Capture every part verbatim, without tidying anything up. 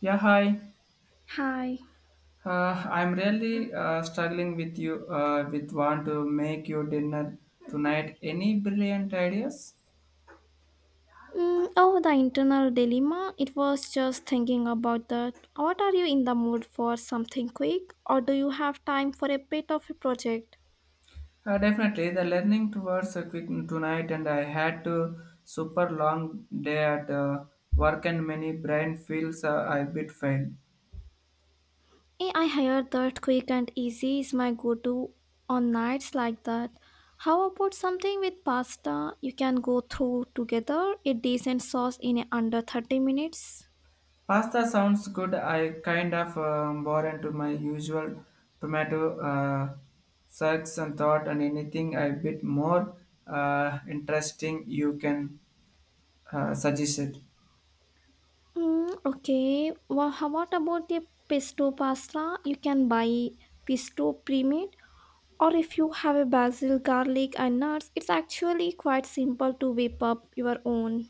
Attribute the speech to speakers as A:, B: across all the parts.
A: Yeah, hi.
B: Hi.
A: Uh, I'm really uh, struggling with you uh, with want to make your dinner tonight. Any brilliant ideas?
B: Mm, oh, the internal dilemma. It was just thinking about that. What are you in the mood for? Something quick, or do you have time for a bit of a project?
A: Uh, definitely, the learning towards a quick tonight, and I had to super long day at uh, work, and many brain feels uh, a bit failed.
B: Eh, I heard that quick and easy is my go-to on nights like that. How about something with pasta? You can go through together a decent sauce in under thirty minutes.
A: Pasta sounds good. I kind of um, bore into my usual tomato uh, search and thought, and anything a bit more uh, interesting you can uh, suggested,
B: Mm, okay. Well, how what about the pesto pasta? You can buy pesto pre or if you have a basil, garlic, and nuts, it's actually quite simple to whip up your own.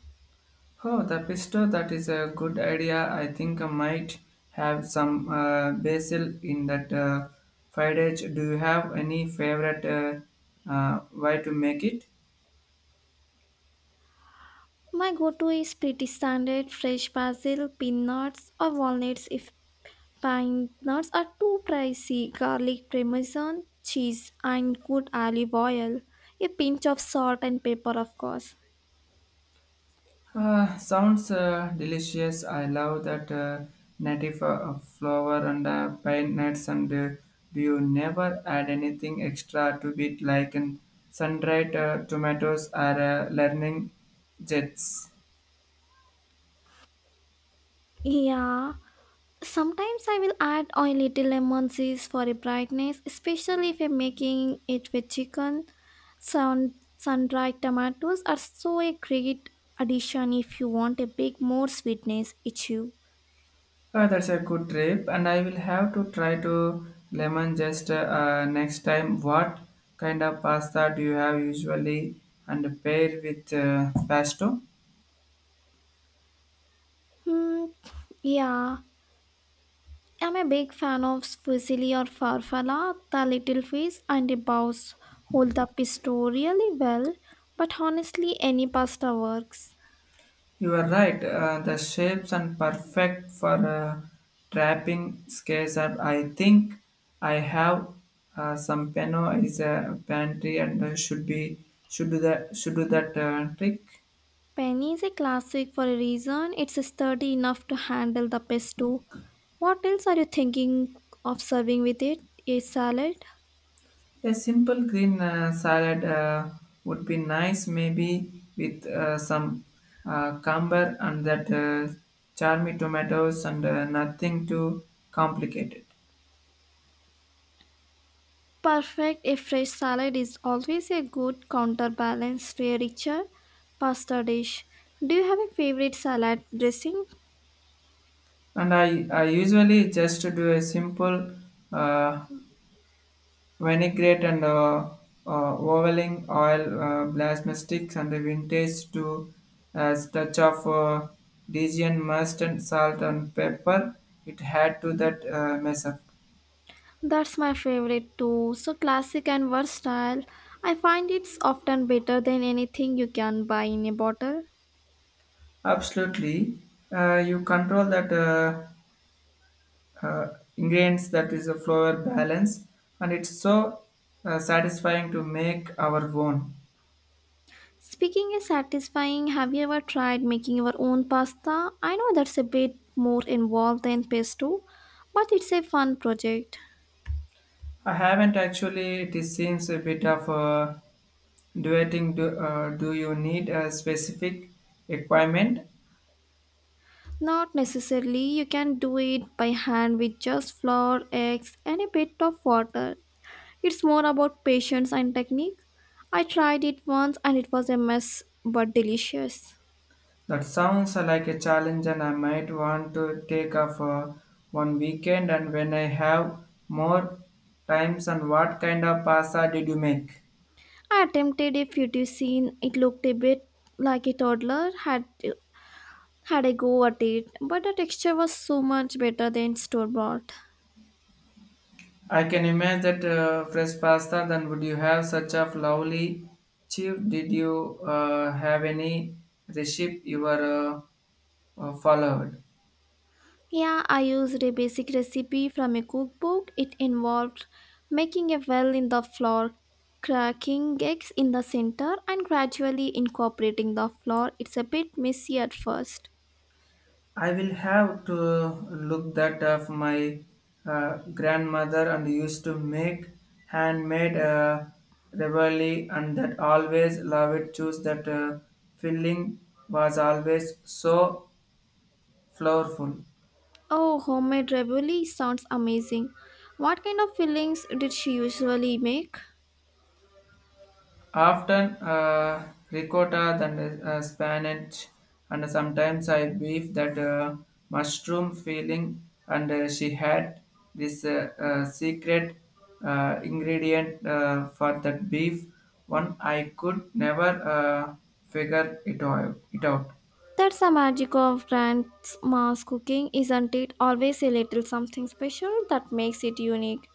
A: oh, the pesto, that is a good idea. I think I might have some uh, basil in that uh, fried edge. Do you have any favorite uh, uh, way to make it?
B: My go to is pretty standard fresh basil, peanuts, or walnuts if pine nuts are too pricey, garlic, parmesan, cheese, and good olive oil. A pinch of salt and pepper, of course.
A: Uh, sounds uh, delicious. I love that uh, native uh, flour and uh, pine nuts. And uh, do you never add anything extra to it, like an sun-dried uh, tomatoes or uh, learning jets?
B: Yeah, sometimes I will add a little lemon zest for a brightness, especially if I'm making it with chicken. Sun sun-dried tomatoes are so a great addition if you want a bit more sweetness issue.
A: Oh, that's a good trip, and I will have to try to lemon just uh, next time. What kind of pasta do you have usually and pair with uh, pesto?
B: Hmm, yeah. I'm a big fan of fusilli or farfalla, the little fish and the bows hold up the story really well, but honestly any pasta works.
A: You are right, uh, the shapes are perfect for uh, trapping scales. Up. I think I have uh, some peno is a pantry and uh, should be should do that should do that uh, trick.
B: Penny is a classic for a reason. It's sturdy enough to handle the pesto. What else are you thinking of serving with it? A salad?
A: A simple green uh, salad uh, would be nice, maybe with uh, some uh, cucumber and that uh, charmy tomatoes and uh, nothing too complicated.
B: Perfect. A fresh salad is always a good counterbalance to a richer pasta dish. Do you have a favorite salad dressing?
A: And I, I usually just do a simple uh, vinaigrette and uh, uh, ovaling oil uh, blasmatics and the vintage to a touch of uh, Dijon mustard, salt and pepper. It had to that uh, mess up.
B: That's my favorite too. So classic and versatile. I find it's often better than anything you can buy in a bottle.
A: Absolutely. Uh, you control that uh, uh, ingredients that is a flavor balance, and it's so uh, satisfying to make our own.
B: Speaking is satisfying, have you ever tried making your own pasta? I know that's a bit more involved than pesto, but it's a fun project.
A: I haven't actually. It is seems a bit of uh, duetting. Do, uh, do you need a specific requirement?
B: Not necessarily, you can do it by hand with just flour, eggs, and a bit of water. It's more about patience and technique. I tried it once and it was a mess but delicious.
A: That sounds like a challenge, and I might want to take off uh, one weekend. And when I have more times, and what kind of pasta did you make?
B: I attempted a fettuccine, it looked a bit like a toddler had had a go at it, but the texture was so much better than store bought.
A: I can imagine that uh, fresh pasta. Then would you have such a lovely chip? Did you uh, have any recipe you were uh, uh, followed?
B: Yeah, I used a basic recipe from a cookbook. It involved making a well in the flour, cracking eggs in the center, and gradually incorporating the flour. It's a bit messy at first.
A: I will have to look that up. My uh, grandmother and used to make handmade uh, ravioli and that always love it. Choose that uh, filling was always so flavorful.
B: Oh, homemade ravioli sounds amazing. What kind of fillings did she usually make?
A: Often uh, ricotta than uh, spinach, and sometimes I beef that uh, mushroom filling. And uh, she had this uh, uh, secret uh, ingredient uh, for that beef, one I could never uh, figure it out. It out.
B: That's the magic of grand's mass cooking, isn't it? Always a little something special that makes it unique.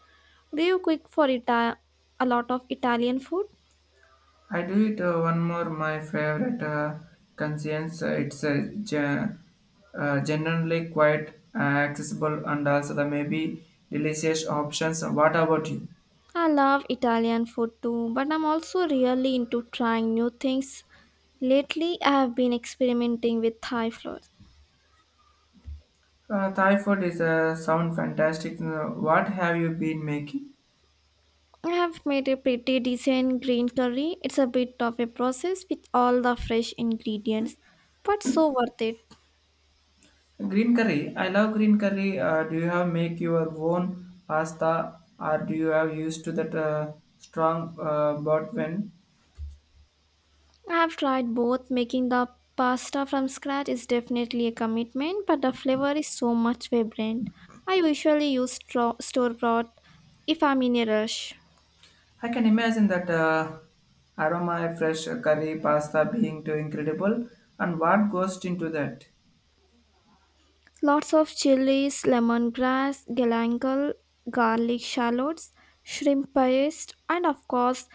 B: Do you cook for Ita- a lot of Italian food?
A: I do it uh, one more my favorite uh, conscience. Uh, It's uh, gen- uh, generally quite uh, accessible and also the maybe delicious options. What about you?
B: I love Italian food too, but I'm also really into trying new things. Lately, I have been experimenting with Thai flour.
A: Uh, Thai food is uh, sound fantastic. Uh, What have you been making?
B: I have made a pretty decent green curry. It's a bit of a process with all the fresh ingredients, but so worth it.
A: Green curry. I love green curry. Uh, do you have make your own pasta or do you have used to that uh, strong uh, bought when?
B: I have tried both. Making the pasta from scratch is definitely a commitment, but the flavor is so much vibrant. I usually use stro- store bought if I'm in a rush.
A: I can imagine that uh, aroma, fresh curry, pasta being too incredible. And what goes into that?
B: Lots of chilies, lemongrass, galangal, garlic shallots, shrimp paste, and of course,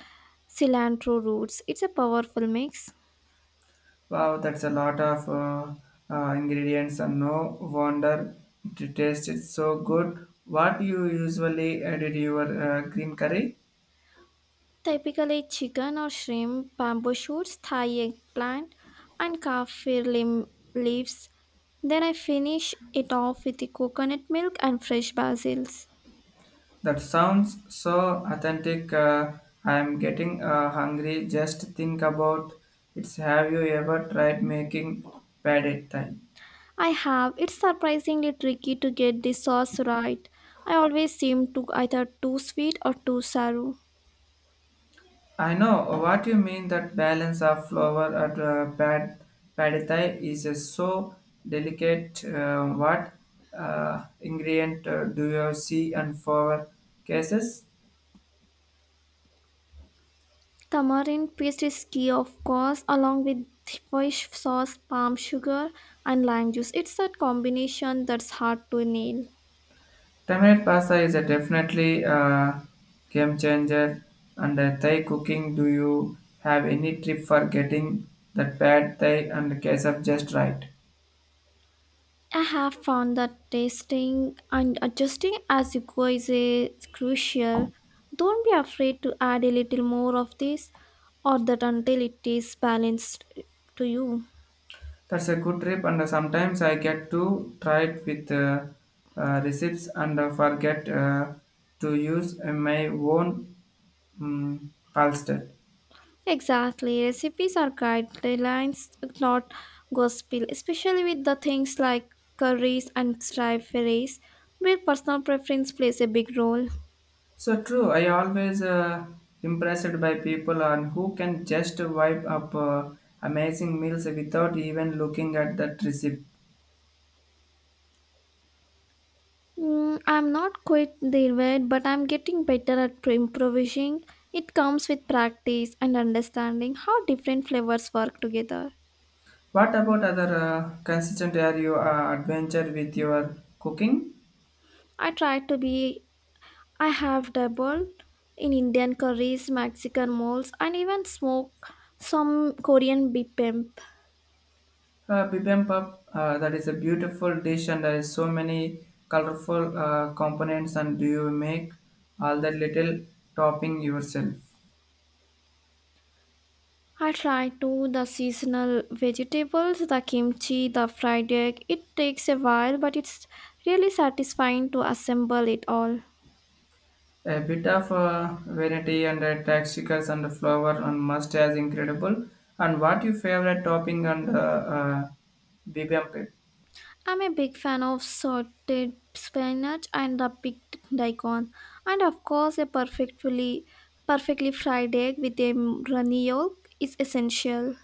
B: cilantro roots. It's a powerful mix.
A: Wow, that's a lot of uh, uh, ingredients, and no wonder it tasted so good. What you usually add to your uh, green curry?
B: Typically chicken or shrimp, bamboo shoots, Thai eggplant, and kaffir lim- leaves. Then I finish it off with the coconut milk and fresh basils.
A: That sounds so authentic. Uh, I am getting uh, hungry. Just think about it. Have you ever tried making pad thai?
B: I have. It's surprisingly tricky to get the sauce right. I always seem to either too sweet or too sour.
A: I know what you mean. That balance of flour at uh, pad pad thai is uh, so delicate. Uh, what uh, ingredient uh, do you see and for cases?
B: Tamarind paste is key, of course, along with fish sauce, palm sugar, and lime juice. It's that combination that's hard to nail.
A: Tamarind pasta is a definitely uh, game changer. And uh, Thai cooking, do you have any tip for getting that pad thai and the case just right?
B: I have found that testing and adjusting as you go is, is crucial. Don't be afraid to add a little more of this or that until it is balanced to you.
A: That's a good trip, and sometimes I get to try it with uh, uh, receipts and uh, forget uh, to use uh, my own um, palsted.
B: Exactly, recipes are guidelines, not gospel, especially with the things like curries and stir fries, where personal preference plays a big role.
A: So true. I always uh, impressed by people on who can just wipe up uh, amazing meals without even looking at that receipt.
B: Mm, I'm not quite there yet, but I'm getting better at pro- improvising. It comes with practice and understanding how different flavors work together.
A: What about other uh, consistent are you uh, adventure with your cooking?
B: I try to be, I have dabbled in Indian curries, Mexican moles, and even smoke some Korean bibimbap.
A: Uh, bibimbap, uh, that is a beautiful dish and there is so many colorful uh, components and do you make all that little topping yourself?
B: I try to the seasonal vegetables, the kimchi, the fried egg. It takes a while, but it's really satisfying to assemble it all.
A: A bit of uh, variety and uh, textures and the flour and mustard is incredible. And what your favorite topping and uh, uh, bibimbap?
B: I'm a big fan of sauteed spinach and the picked daikon, and of course, a perfectly perfectly fried egg with a runny yolk is essential.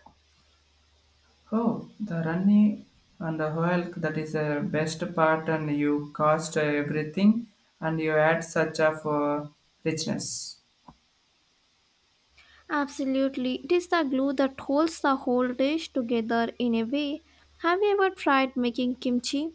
A: Oh, the runny and the oil that is the best part and you cost everything and you add such of uh, richness.
B: Absolutely, it is the glue that holds the whole dish together in a way. Have you ever tried making kimchi?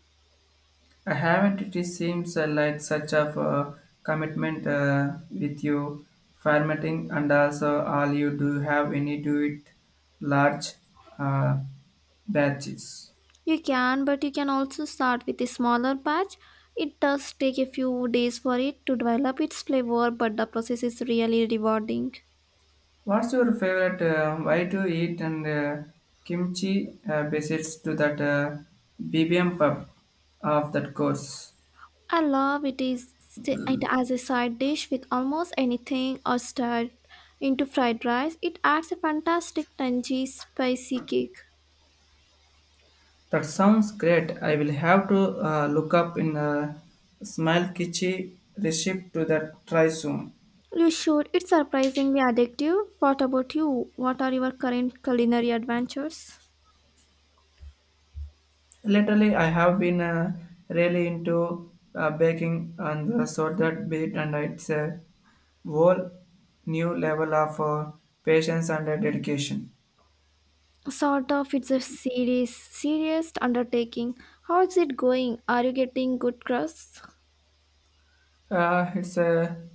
A: I haven't. It seems uh, like such of a commitment uh, with you formatting and also all you do have any do it large uh, batches.
B: You can, but you can also start with a smaller batch. It does take a few days for it to develop its flavor, but the process is really rewarding.
A: What's your favorite? Uh, why to eat and uh, kimchi uh, besides to that uh, bibimbap of that course?
B: I love it is st- it as a side dish with almost anything or stirred into fried rice. It adds a fantastic tangy spicy kick.
A: That sounds great. I will have to uh, look up in a small kitchen recipe to that try soon.
B: You should. It's surprisingly addictive. What about you? What are your current culinary adventures?
A: Lately, I have been uh, really into uh, baking and uh, so that bit, and it's a whole new level of uh, patience and uh, dedication.
B: Sort of. It's a serious, serious undertaking. How is it going? Are you getting good crusts?
A: Uh, it's a,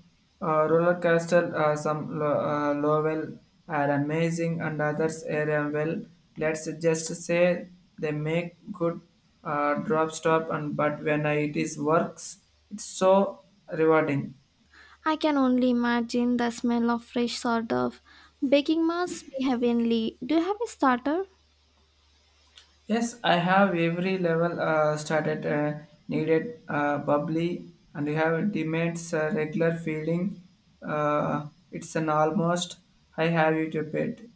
A: uh roller coaster. Uh, some lo- uh, level are amazing, and others are uh, well. Let's just say they make good uh, drop stop, and but when I, it is works, it's so rewarding.
B: I can only imagine the smell of fresh sort of baking must be heavenly. Do you have a starter?
A: Yes, I have every level uh, started uh, needed uh, bubbly, and you have demands uh, regular feeling. Uh, it's an almost I have you to bed.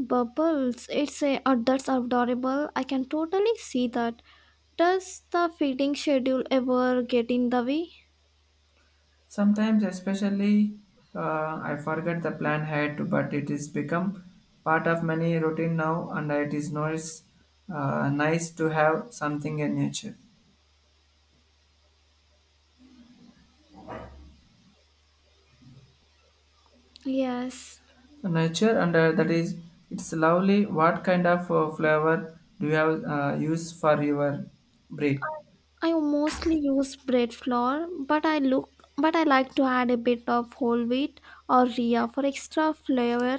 B: Bubbles, it's a oh, that's adorable. I can totally see that. Does the feeding schedule ever get in the way?
A: Sometimes, especially, uh, I forget the plan had to, but it is become part of many routine now, and it is nice, uh, nice to have something in nature.
B: Yes.
A: Nature and uh, that is it's lovely what kind of uh, flavor do you have uh, use for your bread
B: I mostly use bread flour, but I look but I like to add a bit of whole wheat or rhea for extra flavor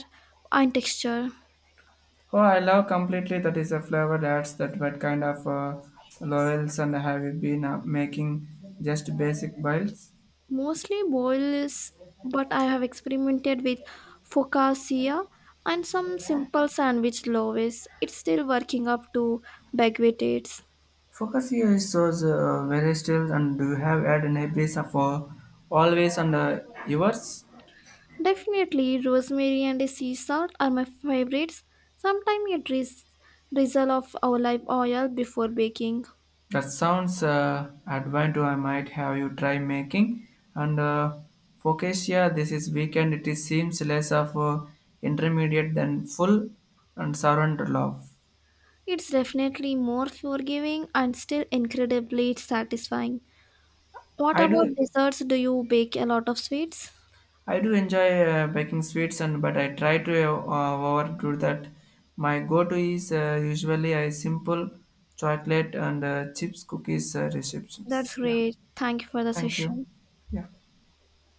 B: and texture.
A: oh I love completely that is a flavor adds that what kind of uh, laurels and have you been uh, making just basic bites
B: Mostly boils, but I have experimented with focaccia and some simple sandwich loaves. It's still working up to baguettes.
A: focus here is so so, uh, very still and do you have had any piece of uh, always and uh, yours
B: Definitely, rosemary and sea salt are my favorites. Sometimes a drizz- drizzle of olive oil before baking.
A: that sounds uh, advantage I might have you try making. And uh, focaccia this is weekend. It is seems less of a intermediate than full and servant love.
B: It's definitely more forgiving and still incredibly satisfying. What
A: I
B: about
A: do
B: desserts? Do you bake a lot of sweets?
A: I do enjoy uh, baking sweets and but I try to uh, overdo that. My go-to is uh, usually a simple chocolate and uh, chips cookies uh,
B: That's
A: receptions. Yeah,
B: great. Thank you for the
A: thank you.
B: session.
A: Yeah.